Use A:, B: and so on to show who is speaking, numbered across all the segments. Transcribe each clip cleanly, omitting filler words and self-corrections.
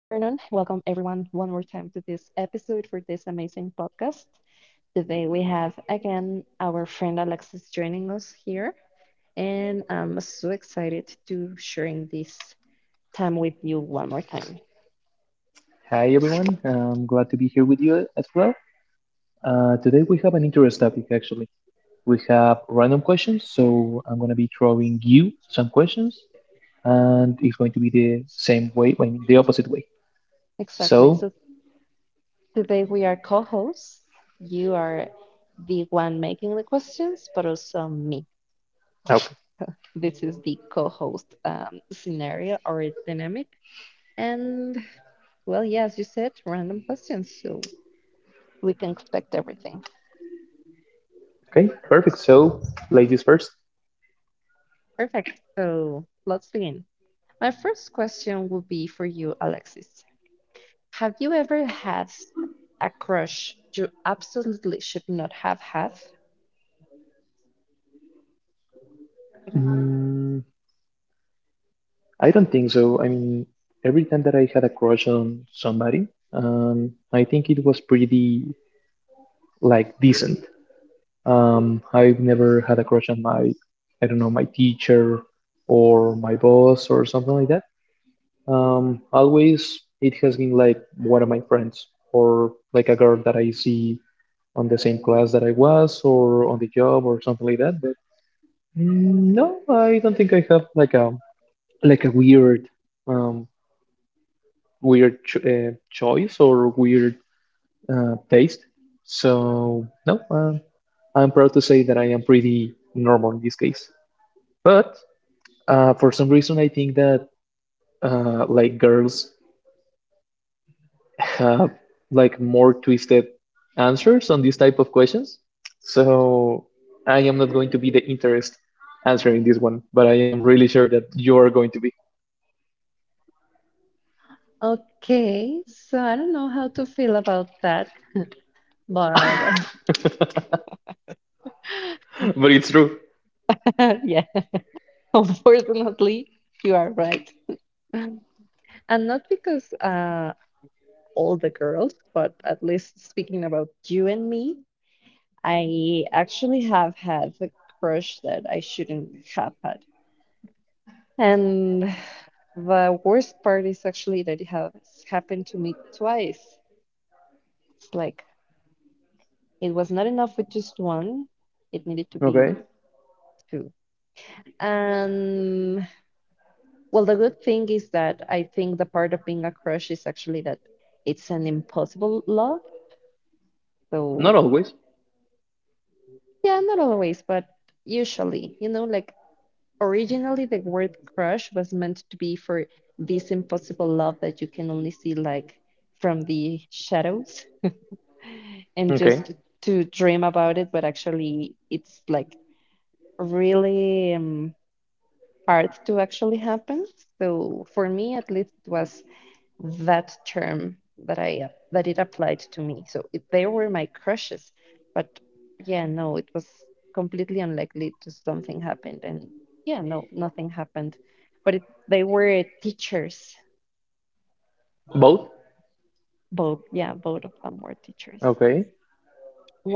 A: Welcome everyone one more time to this episode for this amazing podcast. Today we have again our friend Alexis joining us here, and I'm so excited to sharing this time with you one more time.
B: Hi, everyone. I'm glad to be here with you as well. Today we have an interesting topic, actually. We have random questions, so I'm going to be throwing you some questions, and it's going to be the same way, I mean, the opposite way.
A: Exactly.
B: So,
A: So today we are co-hosts. You are the one making the questions, but also me.
B: okay,
A: This is the co-host scenario or dynamic. And well, yeah, as you said, random questions, so we can expect everything.
B: okay, perfect. So, ladies first.
A: Perfect. So let's begin. My first question will be for you, Alexis. Have you ever had a crush you absolutely should not have had?
B: Mm, I don't think so. I mean, every time that I had a crush on somebody, I think it was pretty like decent. I've never had a crush on my, I don't know, my teacher or my boss or something like that. Always it has been like one of my friends or like a girl that I see on the same class that I was or on the job or something like that. But no, I don't think I have like a weird, um, choice or weird taste. So no, I'm proud to say that I am pretty normal in this case. But for some reason, I think that like girls have like more twisted answers on these type of questions. So I am not going to be the interest answering this one, but I am really sure that you are going to be.
A: Okay, so I don't know how to feel about that, but
B: But it's true.
A: yeah, unfortunately, you are right. And not because all the girls, but at least speaking about you and me, I actually have had the crush that I shouldn't have had. And the worst part is actually that it has happened to me twice. It's like it was not enough with just one, it needed to
B: Okay.
A: be two. And well, the good thing is that I think the part of being a crush is actually that it's an impossible love.
B: Not
A: So,
B: always.
A: yeah, not always, but usually, you know, like originally, the word crush was meant to be for this impossible love that you can only see like from the shadows and
B: Okay.
A: just to dream about it, but actually it's like really hard to actually happen. So for me, at least, it was that term that I that it applied to me. So it, they were my crushes, but yeah, no, it was completely unlikely to something happened, and yeah, no, nothing happened. But it, they were teachers,
B: Both.
A: both. Yeah, both of them were teachers.
B: Okay.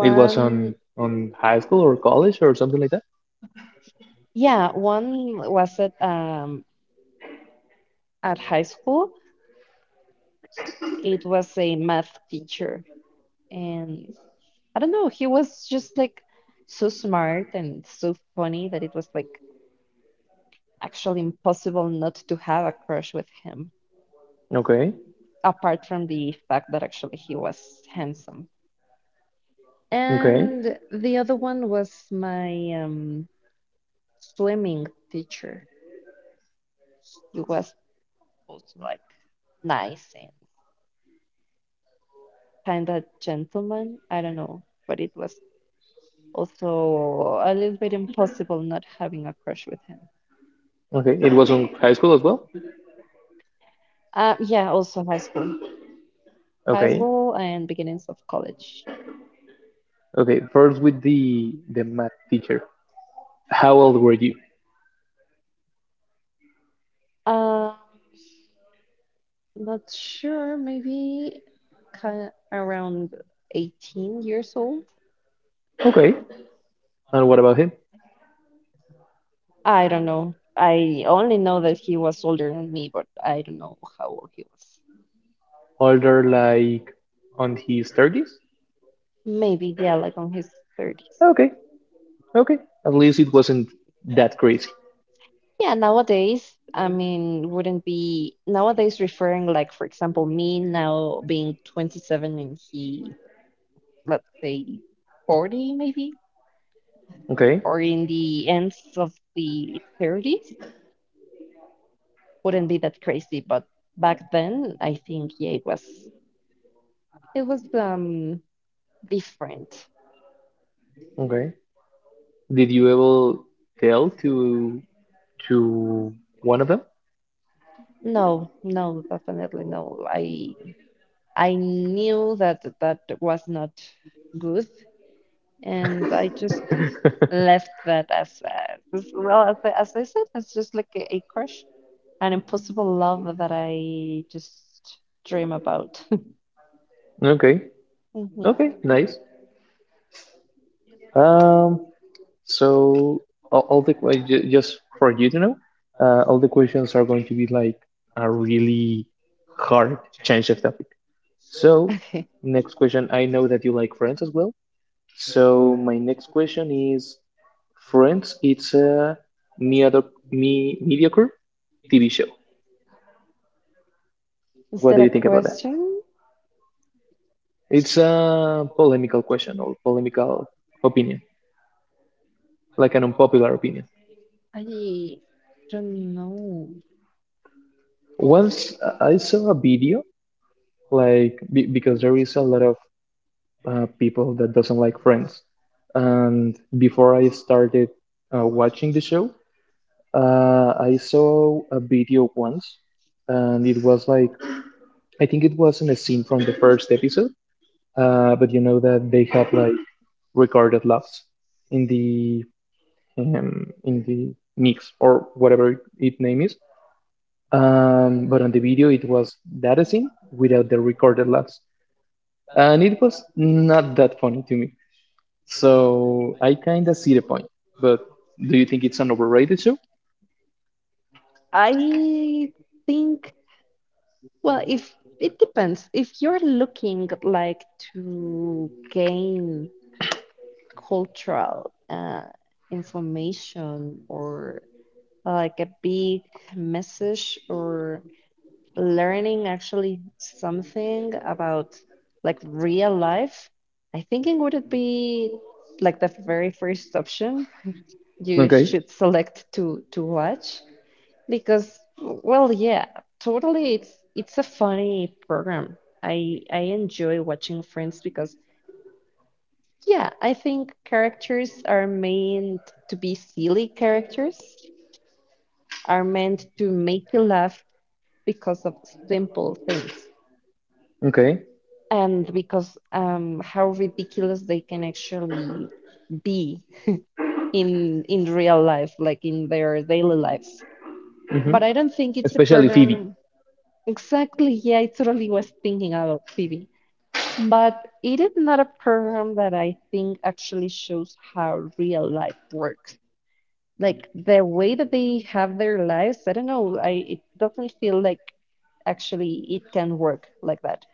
B: It was on high school or college or something like that.
A: yeah, one was at high school. It was a math teacher, and I don't know, he was just like so smart and so funny that it was like actually impossible not to have a crush with him,
B: Okay.
A: apart from the fact that actually he was handsome.
B: Okay.
A: And the other one was my swimming teacher. He was nice and kind of gentleman. I don't know, but it was also a little bit impossible not having a crush with him.
B: Okay. It was on high school as well.
A: Yeah, also high
B: Okay.
A: school and beginnings of college.
B: Okay. First with the math teacher. How old were you?
A: Um, Not sure, maybe kind around 18 years old.
B: Okay. And what about him?
A: I don't know. I only know that he was older than me, but I don't know how old he was.
B: Older, like on his 30s?
A: Maybe, yeah, like on his 30s.
B: Okay. Okay. At least it wasn't that crazy.
A: Yeah, nowadays, I mean, wouldn't be nowadays referring like, for example, me now being 27 and he, let's say, 40 maybe,
B: Okay.
A: or in the ends of the 30s. Wouldn't be that crazy. But back then, I think yeah, it was different.
B: Okay. Did you ever tell to to one of them?
A: No, no, definitely no. I knew that that was not good, and I just left that as well as I said, it's just like a crush, an impossible love that I just dream about.
B: Okay.
A: Mhm.
B: Okay, nice. Um, so all the just for you to know, all the questions are going to be like a really hard change of topic. So,
A: Okay.
B: next question. I know that you like Friends as well. So, my next question is Friends, it's a medio- mediocre TV show.
A: Is
B: What do
A: that a
B: you think about that?
A: question?
B: It's a polemical question or polemical opinion, like an unpopular opinion.
A: I don't know.
B: Once I saw a video, like because there is a lot of people that doesn't like Friends, and before I started watching the show. I saw a video once, and it was like I think it wasn't a scene from the first episode, but you know that they have like recorded laughs in the mix or whatever it name is. But on the video, it was that scene without the recorded laughs, and it was not that funny to me. So I kind of see the point. But do you think it's an overrated show?
A: I think, well, if it depends. If you're looking like to gain cultural information or like a big message or learning actually something about like real life, I think it would be like the very first option you
B: Okay,
A: should select to watch because, well, yeah, totally. It's a funny program. I enjoy watching Friends because, yeah, I think characters are meant to be silly characters, are meant to make you laugh because of simple things
B: okay,
A: and because how ridiculous they can actually be in real life, like in their daily lives.
B: hmm
A: But I don't think it's a
B: especially Phoebe.
A: program. Exactly. Yeah, I totally was thinking about Phoebe. But it is not a program that I think actually shows how real life works. Like the way that they have their lives, I don't know, I it doesn't feel like actually it can work like that.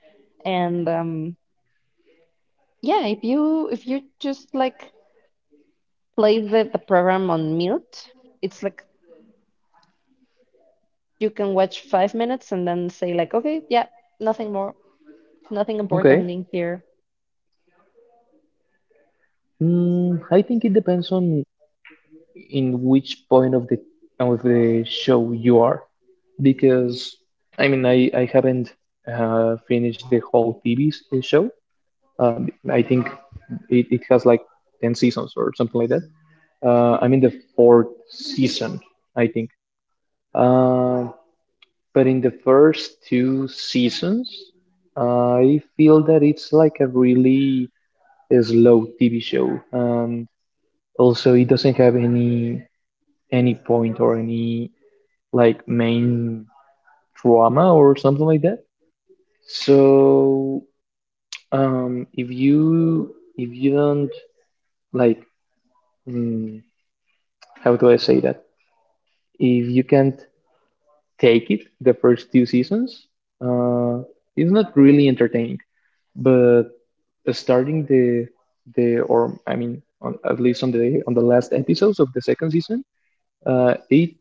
A: And yeah, if you just like play the program on mute, it's like you can watch 5 minutes and then say like, okay, yeah, nothing more, nothing
B: Okay.
A: important in here.
B: Mm, I think it depends on in which point of the show you are, because I mean I haven't finished the whole TV show. Uh, I think it has like ten seasons or something like that. I'm in the fourth season, I think. Uh, but in the first two seasons, I feel that it's like a really slow TV show. Also, it doesn't have any point or any like main drama or something like that. So if you don't like mm, how do I say that? If you can't take it the first two seasons, uh, it's not really entertaining. But starting the or I mean on, at least on the last episodes of the second season, it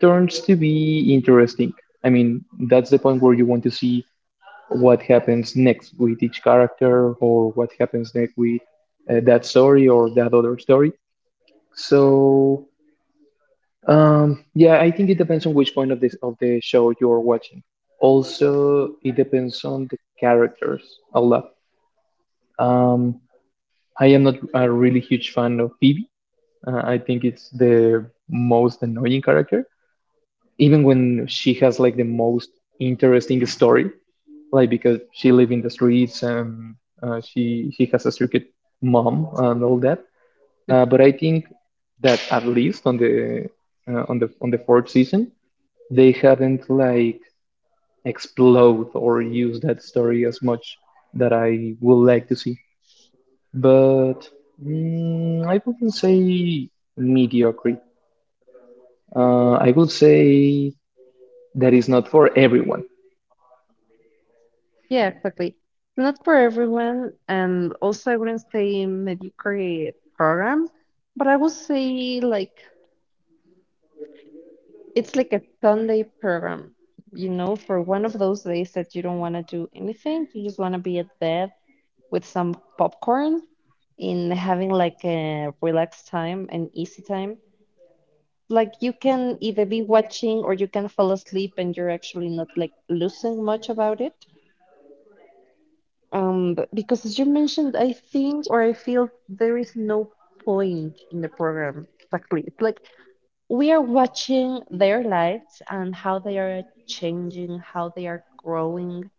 B: turns to be interesting. I mean, that's the point where you want to see what happens next with each character or what happens next with that story or that other story. So, yeah, I think it depends on which point of this of the show you're watching. Also, it depends on the characters a lot. Um, I am not a really huge fan of Phoebe. I think it's the most annoying character. Even when she has like the most interesting story, like because she live in the streets and she has a strict mom and all that. But I think that at least on the on the fourth season, they haven't like explode or use that story as much that I would like to see. But I wouldn't say mediocre. I would say that is not for everyone.
A: Yeah, exactly. Not for everyone, and also I wouldn't say mediocre program, but I would say like it's like a Sunday program, you know, for one of those days that you don't want to do anything, you just want to be at bed with some popcorn in having like a relaxed time and easy time. Like you can either be watching or you can fall asleep and you're actually not like losing much about it. But because as you mentioned, I think or I feel there is no point in the program. Exactly. It's like we are watching their lives and how they are changing, how they are growing.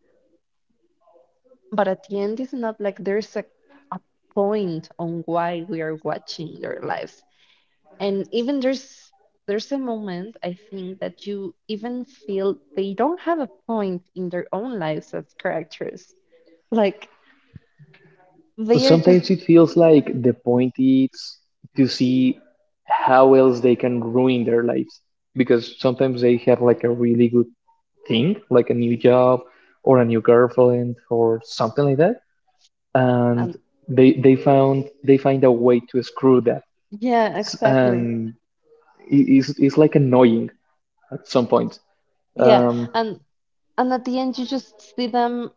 A: But at the end, it's not like a point on why we are watching their lives. And even there's a moment I think that you even feel they don't have a point in their own lives as characters. Like they are just
B: Sometimes it feels like the point is to see how else they can ruin their lives, because sometimes they have like a really good thing like a new job or a new girlfriend or something like that,
A: um.
B: and they find a way to screw that.
A: Yeah,
B: S-
A: exactly.
B: and i- it's like annoying at some point
A: Yeah.
B: um
A: And and at the end you just see them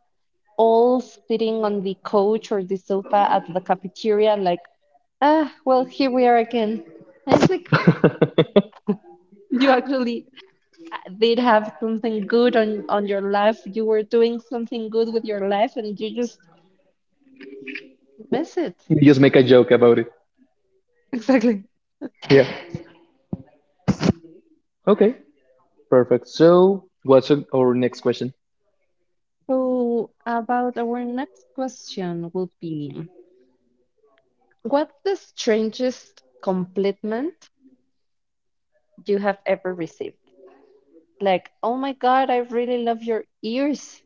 A: all sitting on the couch or the sofa at the cafeteria like, ah, well, here we are again. And it's like you actually did have something good on your life. You were doing something good with your life and you just miss it.
B: You just make a joke about it.
A: Exactly.
B: Yeah. Okay, perfect. So what's our next question?
A: So about our next question will be, what's the strangest compliment you have ever received? Like, oh my God, I really love your ears.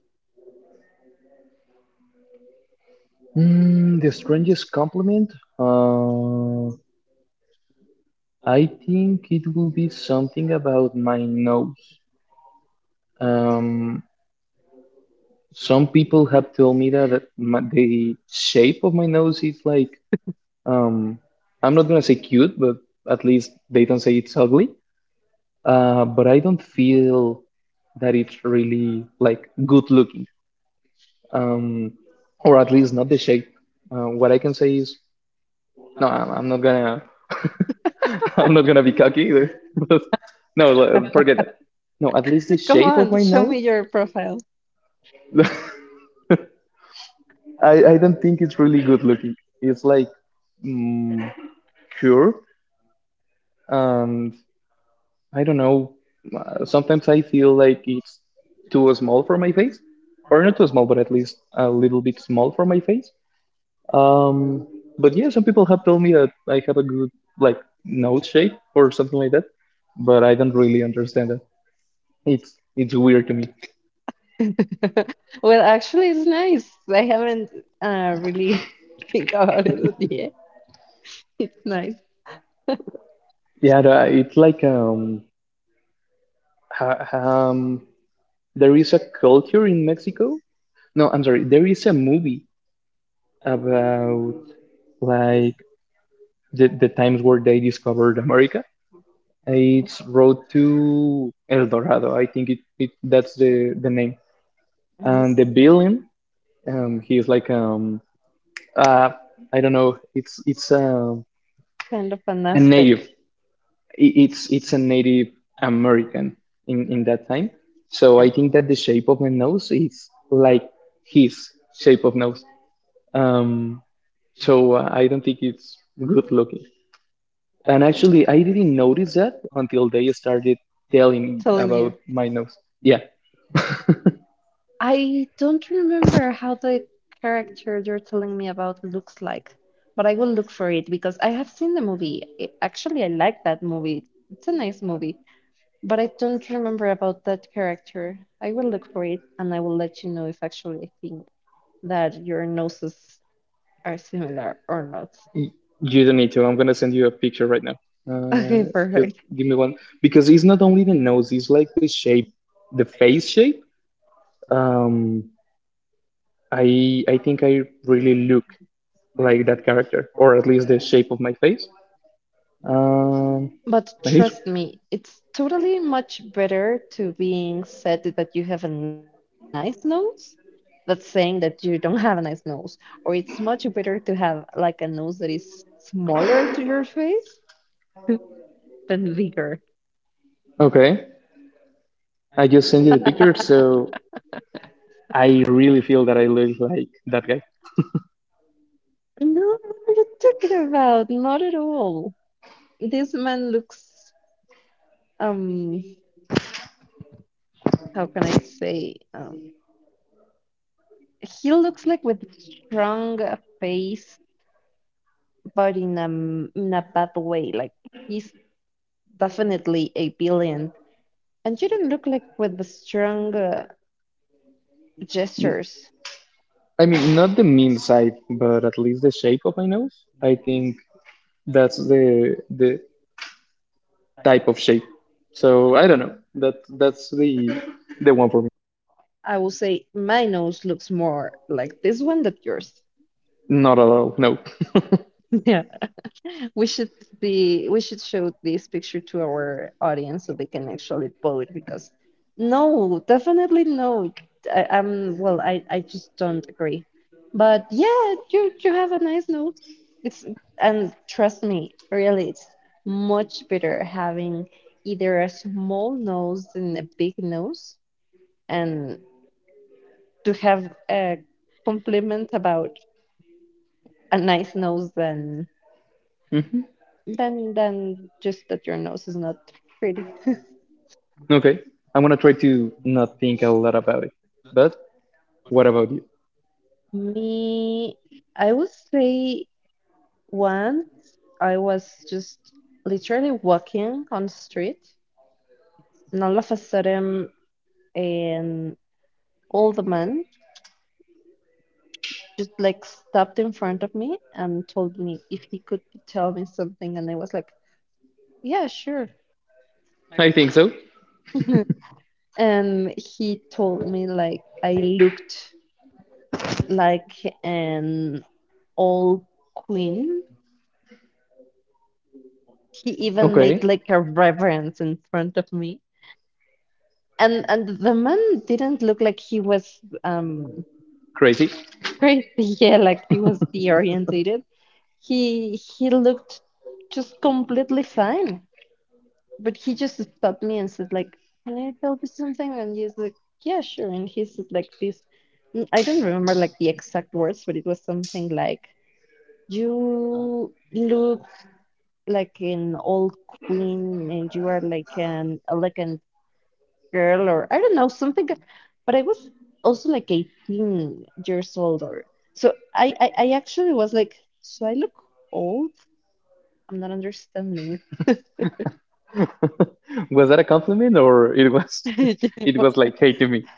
B: Mm, the strangest compliment? Uh, I think it will be something about my nose. Um, some people have told me that my, the shape of my nose is like, um, I'm not gonna say cute, but at least they don't say it's ugly. But I don't feel that it's really like good looking. Um, or at least not the shape. What I can say is, no, I'm not gonna. I'm not gonna be cocky, either. No, forget that. No, at least the
A: Come
B: shape of
A: on,
B: my
A: show me
B: nose.
A: your profile.
B: I don't think it's really good looking. It's like, mm, curved, and I don't know. Sometimes I feel like it's too small for my face, or not too small, but at least a little bit small for my face. Um, but yeah, some people have told me that I have a good like nose shape or something like that, but I don't really understand that. It's weird to me.
A: Well, actually, it's nice. I haven't really think about it yet. It's nice.
B: Yeah, it's like ha, um, there is a culture in Mexico. No, I'm sorry. There is a movie about like the times where they discovered America. It's Road to El Dorado. I think it that's the name.
A: Mhm.
B: And the villain, he is like uh, I don't know. It's
A: Kind of
B: a native.
A: fantastic.
B: It's a Native American in that time. So
A: Yeah,
B: I think that the shape of the nose is like his shape of nose. Um, so I don't think it's good looking. And actually, I didn't notice that until they started telling me
A: telling
B: about
A: you.
B: my nose. Yeah,
A: I don't remember how the character you're telling me about looks like, but I will look for it because I have seen the movie. I- actually, I like that movie. It's a nice movie. But I don't remember about that character. I will look for it and I will let you know if actually I think that your noses are similar or not.
B: y- you don't need to. I'm gonna send you a picture right now. Uh,
A: Okay,
B: just
A: perfect.
B: give me one because it's not only the nose; it's like the shape, the face shape. Um, I think I really look like that character, or at least the shape of my face. Um,
A: But
B: and it's
A: trust me, it's totally much better to being said that you have a nice nose than saying that you don't have a nice nose. Or it's much better to have like a nose that is smaller to your face than bigger.
B: okay. I just sent you the picture, so I really feel that I look like that guy.
A: No, what are you talking about? Not at all. This man looks um how can I say he looks like with strong face but in in a bad way like he's definitely a billion and you don't look like with the strong gestures.
B: I mean, not the mean side, but at least the shape of my nose. I think that's the type of shape. So I don't know. That's the one for me.
A: I will say my nose looks more like this one than yours.
B: Not at all. No.
A: We should be we should show this picture to our audience so they can actually vote because no, definitely no. I, I'm well, I just don't agree. But yeah, you have a nice note. It's and trust me, really, it's much better having either a small nose than a big nose and to have a compliment about a nice nose than
B: Mhm.
A: than just that your nose is not pretty.
B: Okay. I'm gonna try to not think a lot about it. But what about you?
A: Me, I would say once I was just literally walking on the street, and all of a sudden, an old man just like stopped in front of me and told me if he could tell me something, and I was like, "Yeah, sure."
B: I think so.
A: And he told me like I looked like an old queen he even made
B: Okay.
A: like a reverence in front of me. And the man didn't look like he was
B: Crazy.
A: crazy, yeah, like he was deorientated. He looked just completely fine. But he just stopped me and said like, can I tell you something? And he's like, yeah, sure. And he said like this I don't remember like the exact words, but it was something like you look like an old queen and you are like an elegant girl or I don't know, something. But I was also like 18 years old or so I actually was like, so I look old? I'm not understanding.
B: Was that a compliment or it was it
A: What-
B: was like hey to me?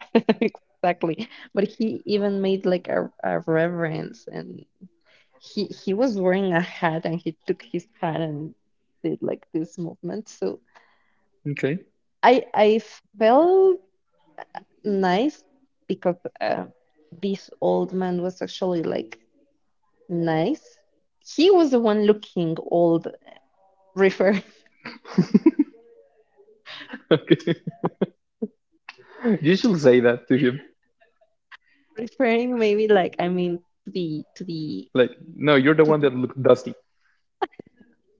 A: Exactly. But he even made like a reverence and he was wearing a hat and he took his hat and did like this movement. So
B: Okay.
A: I felt nice because this old man was actually like nice. He was the one looking old, refer
B: Okay. You should say that to him.
A: referring maybe like I mean to the
B: Like, no, you're the
A: to
B: one
A: the
B: that looked dusty.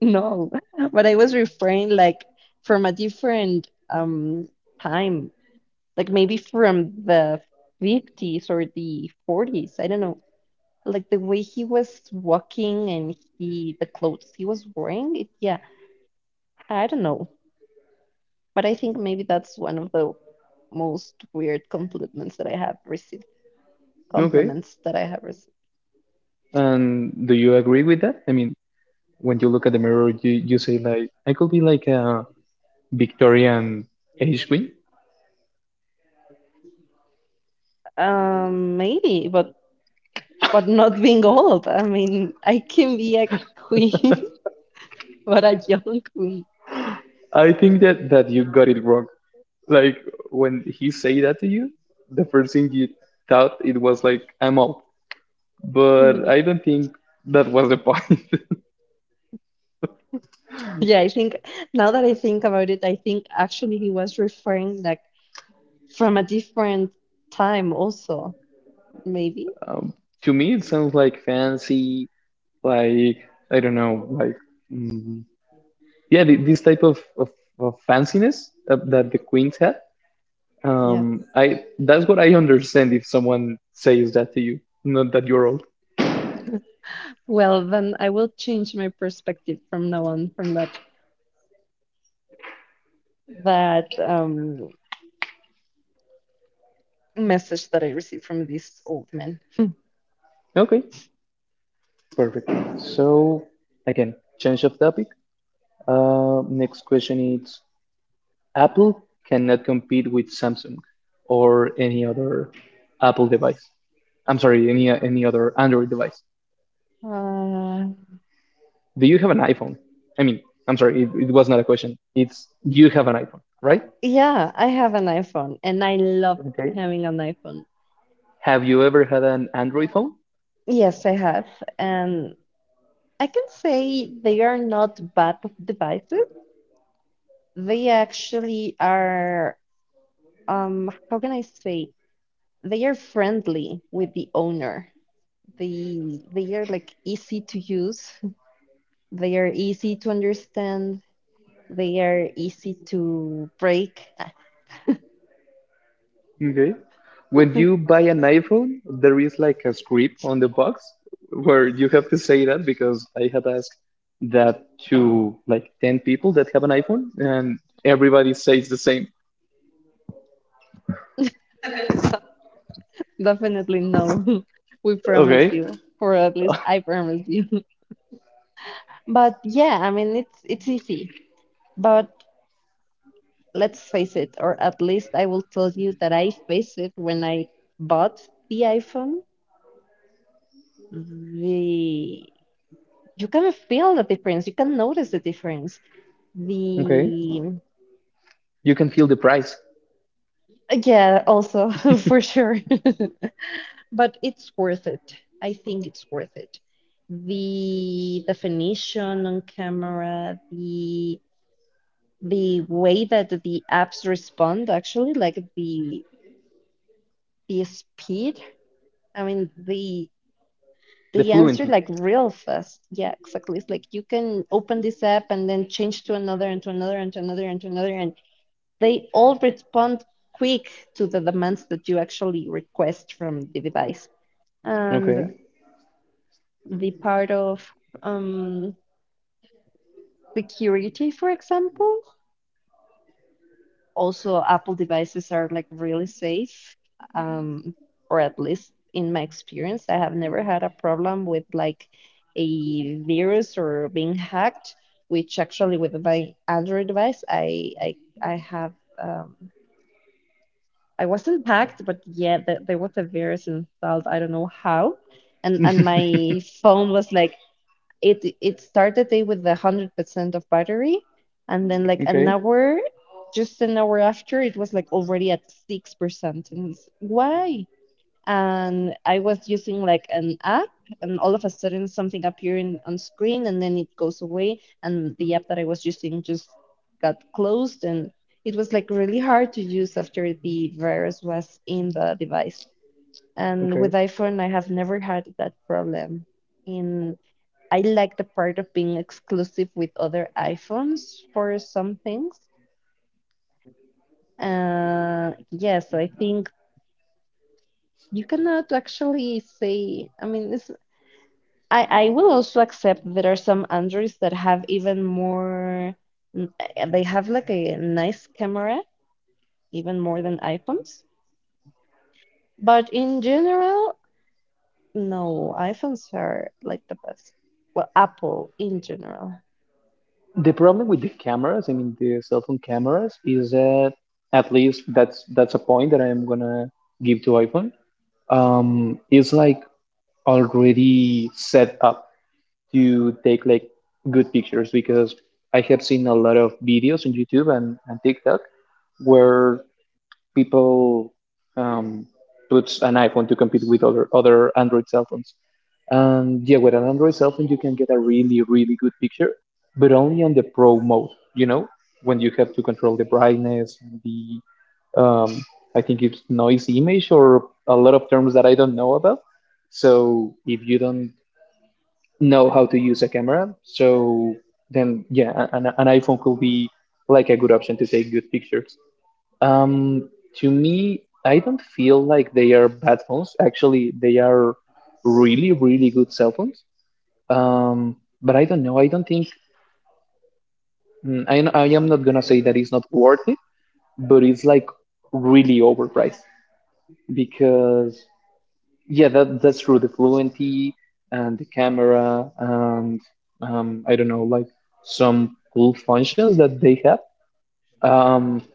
A: no, but I was referring like from a different time, like maybe from the 50s or the 40s. I don't know. Like the way he was walking and he the clothes he was wearing. It, yeah, I don't know. But I think maybe that's one of the most weird compliments that I have received.
B: Okay.
A: Compliments that I have received.
B: And do you agree with that? I mean, when you look at the mirror, you say like, I could be like a Victorian age queen.
A: Maybe, but not being old. I mean, I can be a queen, but a young queen.
B: I think that you got it wrong. Like when he say that to you, the first thing you thought it was like, I'm old. But
A: Mhm.
B: I don't think that was the point.
A: Yeah, I think now that I think about it, I think actually he was referring like from a different time also, maybe.
B: um, to me, it sounds like fancy, like I don't know, like mm, yeah, this type of fanciness that the queens had.
A: Yeah.
B: I That's what I understand if someone says that to you, not that you're old.
A: Well, then I will change my perspective from now on from that message that I received from this old man.
B: Okay, perfect. So again, change of topic. Next question is Apple cannot compete with Samsung or any other Apple device. I'm sorry, any other Android device.
A: Uh,
B: Do you have an iPhone? I mean, I'm sorry, it was not a question. It's do you have an iPhone, right?
A: Yeah, I have an iPhone and I love
B: Okay.
A: having an iPhone.
B: Have you ever had an Android phone?
A: Yes, I have. And I can say they are not bad devices. They actually are, how can I say? They are friendly with the owner. They are like easy to use. They are easy to understand. They are easy to break.
B: Okay. When you buy an iPhone, there is like a script on the box where you have to say that because I had asked that to like 10 people that have an iPhone and everybody says the same.
A: Definitely no. We promise
B: Okay.
A: you, or at least I promise you. But yeah, I mean it's easy. But let's face it, or at least I will tell you that I faced it when I bought the iPhone. The you can feel the difference. You can notice the difference.
B: Okay.
A: The
B: You can feel the price,
A: yeah, also for sure. But it's worth it. I think it's worth it. The definition on camera, the way that the apps respond actually, like the speed. I mean
B: the
A: the answer
B: fluency.
A: like real fast. Yeah, exactly. It's like you can open this app and then change to another and to another and to another and to another. They all respond quick to the demands that you actually request from the device.
B: Okay.
A: And the part of um, security, for example, also Apple devices are like really safe, um, or at least in my experience, I have never had a problem with like a virus or being hacked, which actually with my Android device, I have um, I wasn't hacked, but yeah, there was a virus installed. I don't know how, and my phone was like it. It started day with 100% of battery, and then like an
B: Okay.
A: hour, just an hour after, it was like already at 6%. And it's, why? And I was using like an app, and all of a sudden something appearing on screen, and then it goes away, and the app that I was using just got closed, and it was like really hard to use after the virus was in the device. And
B: Okay.
A: with iPhone, I have never had that problem. In I like the part of being exclusive with other iPhones for some things. Yes, I think you cannot actually say. I mean, it's I will also accept there are some Androids that have even more, they have like a nice camera, even more than iPhones. But in general, no, iPhones are like the best. Well, Apple in general.
B: The problem with the cameras, I mean the cell phone cameras, is that at least that's a point that I am gonna give to iPhone. It's like already set up to take like good pictures because I have seen a lot of videos on YouTube and TikTok where people um, puts an iPhone to compete with other Android cell phones. And yeah, with an Android cell phone, you can get a really really good picture, but only on the Pro mode. You know, when you have to control the brightness, the um, I think it's noise image or a lot of terms that I don't know about. So if you don't know how to use a camera, so then yeah, an iPhone could be like a good option to take good pictures. Um, to me, I don't feel like they are bad phones. Actually, they are really, really good cell phones. Um, but I don't know. I don't think I am not gonna say that it's not worth it, but it's like really overpriced because yeah, that's true. The fluency and the camera and I don't know, like some cool functions that they have. Um,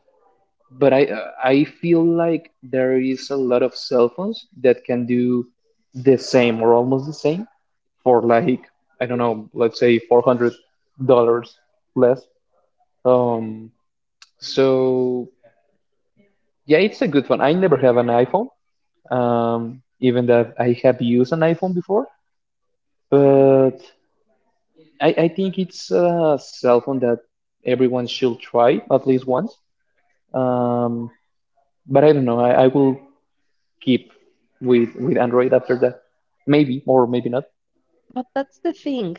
B: but I feel like there is a lot of cell phones that can do the same or almost the same for like I don't know, let's say $400 less. Um, so yeah, it's a good one. I never have an iPhone, even that I have used an iPhone before, but I think it's a cell phone that everyone should try at least once. Um, but I don't know. I will keep with Android after that. Maybe or maybe not.
A: But that's the thing.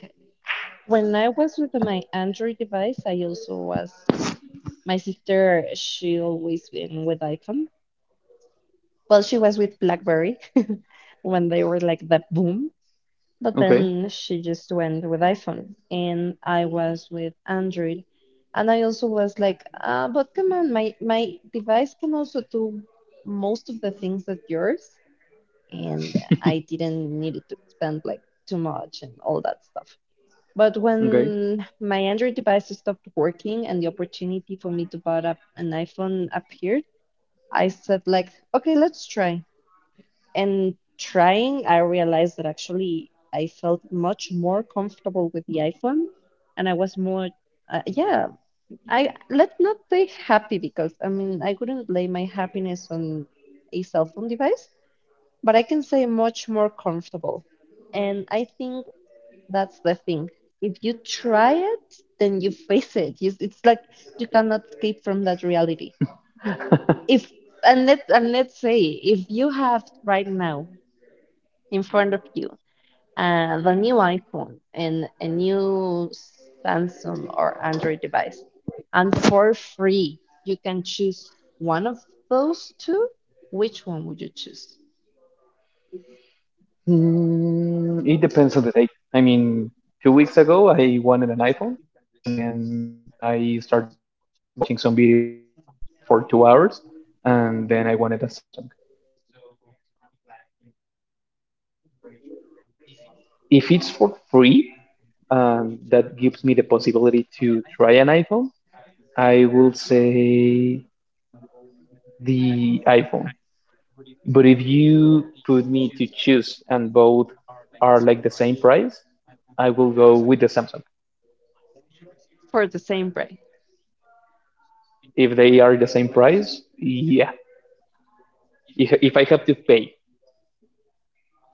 A: When I was with my Android device, I also was, my sister, she always been with iPhone. Well, she was with BlackBerry when they were like the boom, but
B: Okay.
A: then she just went with iPhone, and I was with Android, and I also was like, but come on, my device can also do most of the things that yours, and I didn't need it to spend like too much and all that stuff. But
B: Okay.
A: when my Android device stopped working and the opportunity for me to buy a, an iPhone appeared, I said like, okay, let's try. And trying, I realized that actually I felt much more comfortable with the iPhone, and I was more, yeah, I let's not say happy because I mean I could not lay my happiness on a cell phone device, but I can say much more comfortable. And I think that's the thing. If you try it, then you face it. You, it's like you cannot escape from that reality. If and let's say if you have right now in front of you. Uh, the new iPhone and a new Samsung or Android device. And for free, you can choose one of those two. Which one would you choose
B: Mm, it depends on the day. I mean, 2 weeks ago, I wanted an iPhone, and then I started watching some videos like for 2 hours, and then I wanted a Samsung. So if it's for free, that gives me the possibility to try an iPhone. I will say the iPhone. But if you put me to choose and both are like the same price, I will go with the Samsung.
A: for the same price?
B: If they are the same price, yeah. If I have to pay,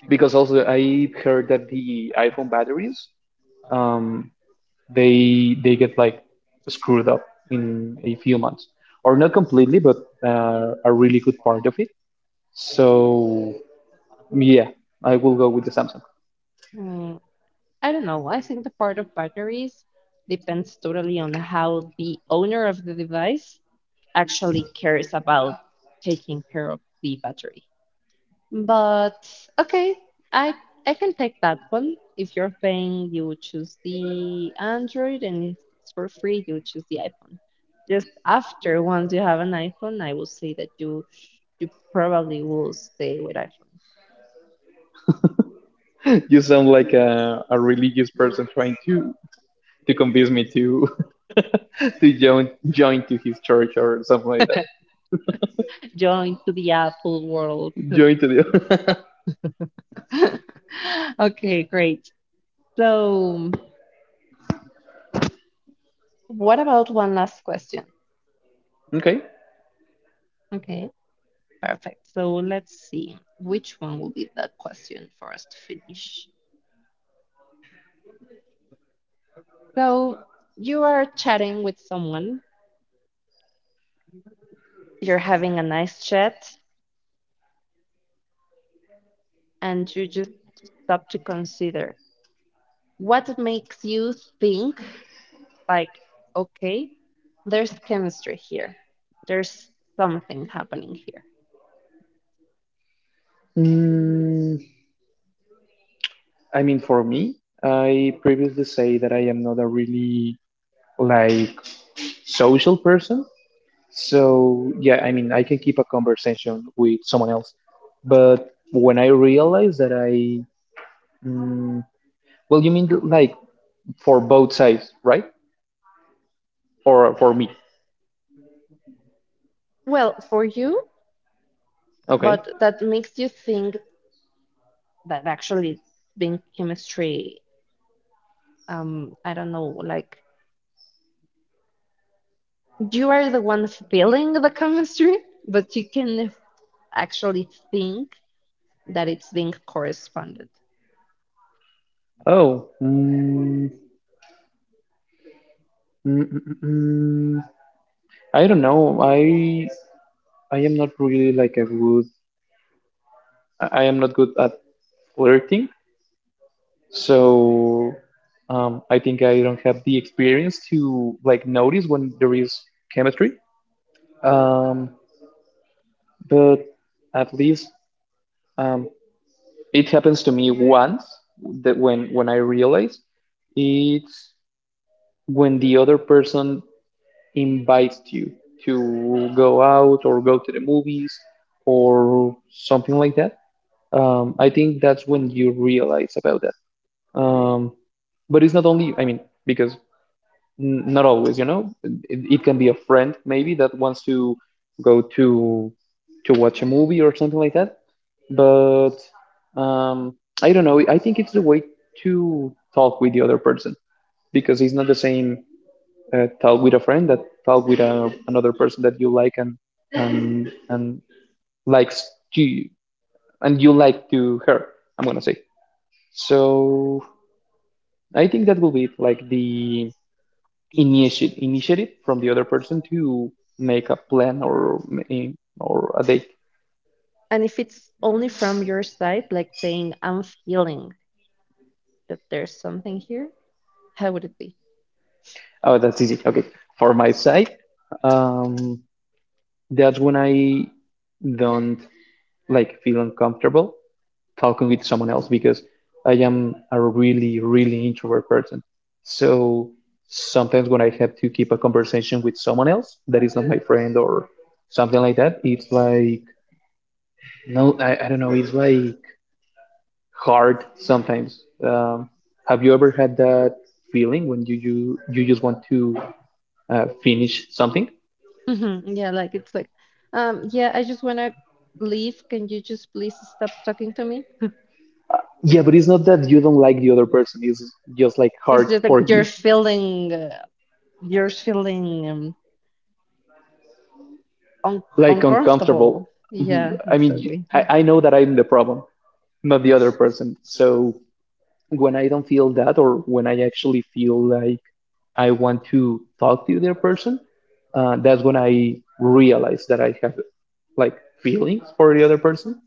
B: because also I heard that the iPhone batteries, um, they get like screwed up in a few months, or not completely, but a really good part of it. So yeah, I will go with the Samsung.
A: Mm, I don't know. I think the part of batteries depends totally on how the owner of the device actually cares about taking care of the battery. But okay, I I can take that one. If you're paying, you choose the Android, and if it's for free, you choose the iPhone. Just after, once you have an iPhone, I will say that you probably will stay with iPhone.
B: You sound like a religious person trying to convince me to to join to his church or something like that.
A: Join to the Apple world.
B: Join to the
A: Okay, great. So, what about one last question?
B: okay.
A: Okay, perfect. So let's see which one will be the question for us to finish. So you are chatting with someone, you're having a nice chat, and you just stop to consider what makes you think, like, okay, there's chemistry here, there's something happening here.
B: Mm, I mean, for me, I previously say that I am not a really like social person. So yeah, I mean, I can keep a conversation with someone else, but when I realize that I mm, well, you mean like for both sides, right? Or for me?
A: Well, for you,
B: Okay.
A: but that makes you think that actually being chemistry, I don't know, like you are the one feeling the chemistry, but you can actually think that it's being corresponded.
B: Oh. Mm, mm, mm, mm, mm. I don't know. I am not really like a good. I am not good at flirting, so I think I don't have the experience to like notice when there is chemistry. Um, but at least um, It happens to me once that when I realize it's when the other person invites you to go out or go to the movies or something like that. I think that's when you realize about that. Um, but it's not only, I mean, because not always, you know. It can be a friend maybe that wants to go to watch a movie or something like that. But um, I don't know. I think it's the way to talk with the other person because it's not the same talk with a friend that talk with another person that you like and and likes to you and you like to her. I'm gonna say. So I think that will be it, like the initiate initiative from the other person to make a plan or eh, or a date.
A: And if it's only from your side, like saying, I'm feeling that there's something here, how would it be?
B: Oh, that's easy. Okay, for my side, um, that's when I don't like feel uncomfortable talking with someone else because I am a really really introvert person. So sometimes when I have to keep a conversation with someone else that is not my friend or something like that, it's like no, I don't know. It's like hard sometimes. Have you ever had that feeling when you you just want to finish something?
A: Mhm. Yeah, like it's like, yeah, I just want to leave. Can you just please stop talking to me?
B: Yeah, but it's not that you don't like the other person. It's just like
A: It's
B: hard
A: just like
B: for you,
A: you're feeling un
B: like
A: uncomfortable.
B: uncomfortable.
A: Yeah,
B: Mhm. I mean,
A: exactly.
B: I know that I'm the problem, not the other person. So when I don't feel that, or when I actually feel like I want to talk to the other person, that's when I realize that I have like feelings for the other person.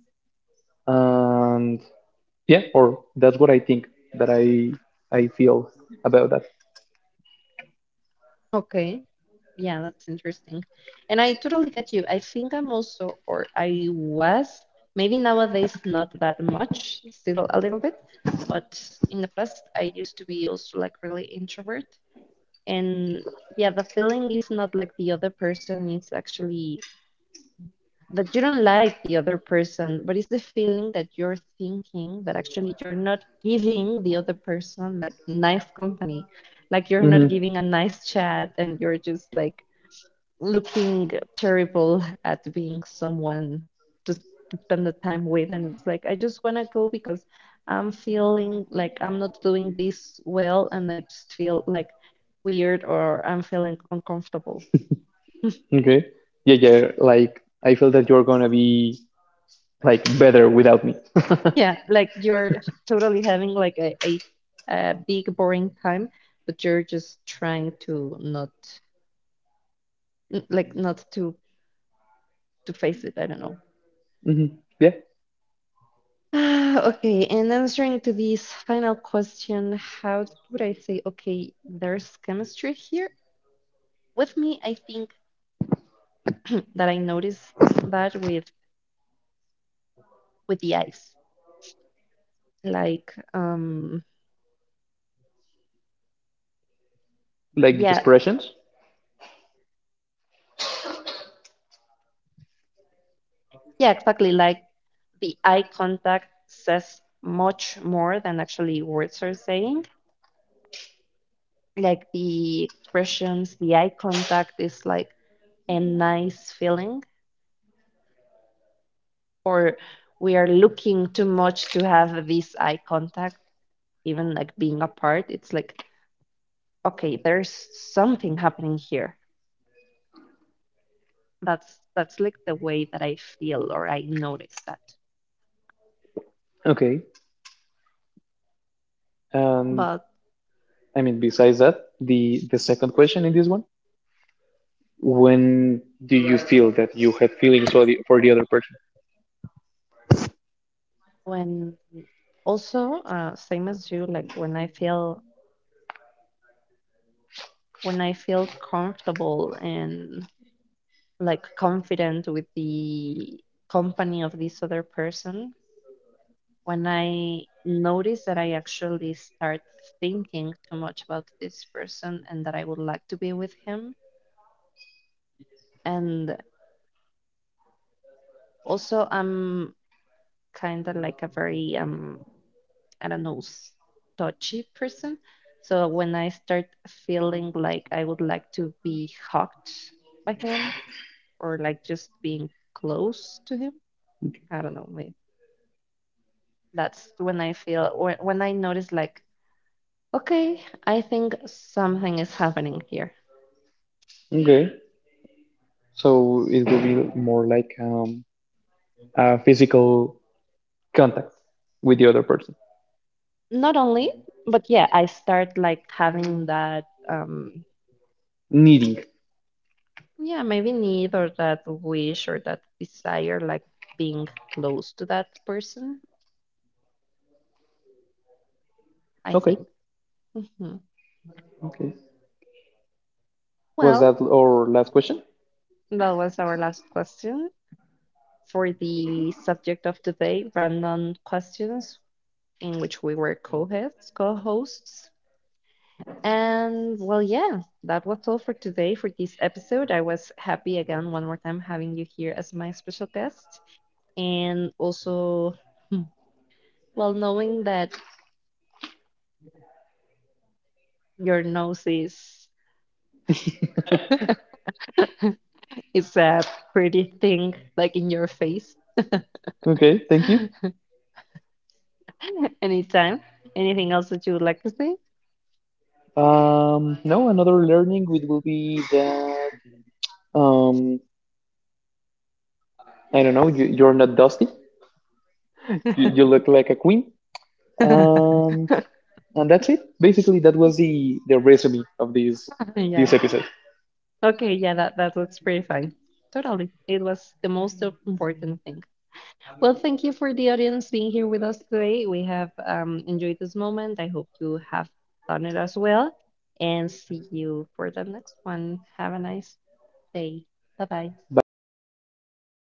B: And yeah, or that's what I think that I feel about that.
A: Okay. Yeah, that's interesting. And I totally get you. I think I'm also, or I was, maybe nowadays not that much, still a little bit, but in the past I used to be also like really introvert. And yeah, the feeling is not like the other person is actually that you don't like the other person, but it's the feeling that you're thinking that actually you're not giving the other person like nice company, like you're
B: Hmm.
A: not giving a nice chat and you're just like looking terrible at being someone to spend the time with. And it's like, I just want to go because I'm feeling like I'm not doing this well and I just feel like weird or I'm feeling uncomfortable.
B: Okay. Yeah, yeah. Like I feel that you're gonna be like better without me.
A: Yeah, like you're totally having like a big boring time, but you're just trying to not like not to to face it. I don't know.
B: Hmm. Yeah.
A: Ah, okay, and answering to this final question, how would I say, okay, there's chemistry here? With me, I think that I noticed that with the eyes. Like
B: Like the
A: yeah,
B: expressions.
A: yeah, exactly. Like the eye contact says much more than actually words are saying. Like the expressions, the eye contact is like a nice feeling, or we are looking too much to have this eye contact even like being apart it's like okay there's something happening here that's like the way that I feel or I notice that
B: Okay. And
A: but
B: I mean, besides that, the second question in this one, when do you feel that you have feelings for the other person?
A: when also same as you like when I feel when I feel comfortable and like confident with the company of this other person when I notice that I actually start thinking too much about this person and that I would like to be with him and also, I'm kind of like a very I don't know s- touchy person. So when I start feeling like I would like to be hugged by him or like just being close to him, I don't know. That's when I feel or when I notice like okay, I think something is happening here.
B: Okay. So it will be more like a physical contact with the other person.
A: Not only, but yeah, I start like having that um.
B: Needing.
A: Yeah, maybe need or that wish or that desire, like being close to that person, I
B: Okay.
A: think. Hmm.
B: Okay. Was
A: Well,
B: that our last question?
A: that was our last question for the subject of today, random questions in which we were co-hosts, co-hosts. And well, yeah, that was all for today for this episode. I was happy again one more time having you here as my special guest. And also, hmm, well, knowing that your nose is it's a pretty thing, like in your face.
B: Okay. Thank you.
A: Anytime. Anything else that you would like to say?
B: No, another learning it will be that um, I don't know. You're not dusty. You look like a queen. and and that's it basically, that was the resume of this
A: Yeah.
B: this episode.
A: Okay, yeah, that looks pretty fine. Totally. It was the most important thing. Well, thank you for the audience being here with us today. We have enjoyed this moment. I hope you have done it as well. And see you for the next one. Have a nice day. Bye bye.
B: Bye everyone.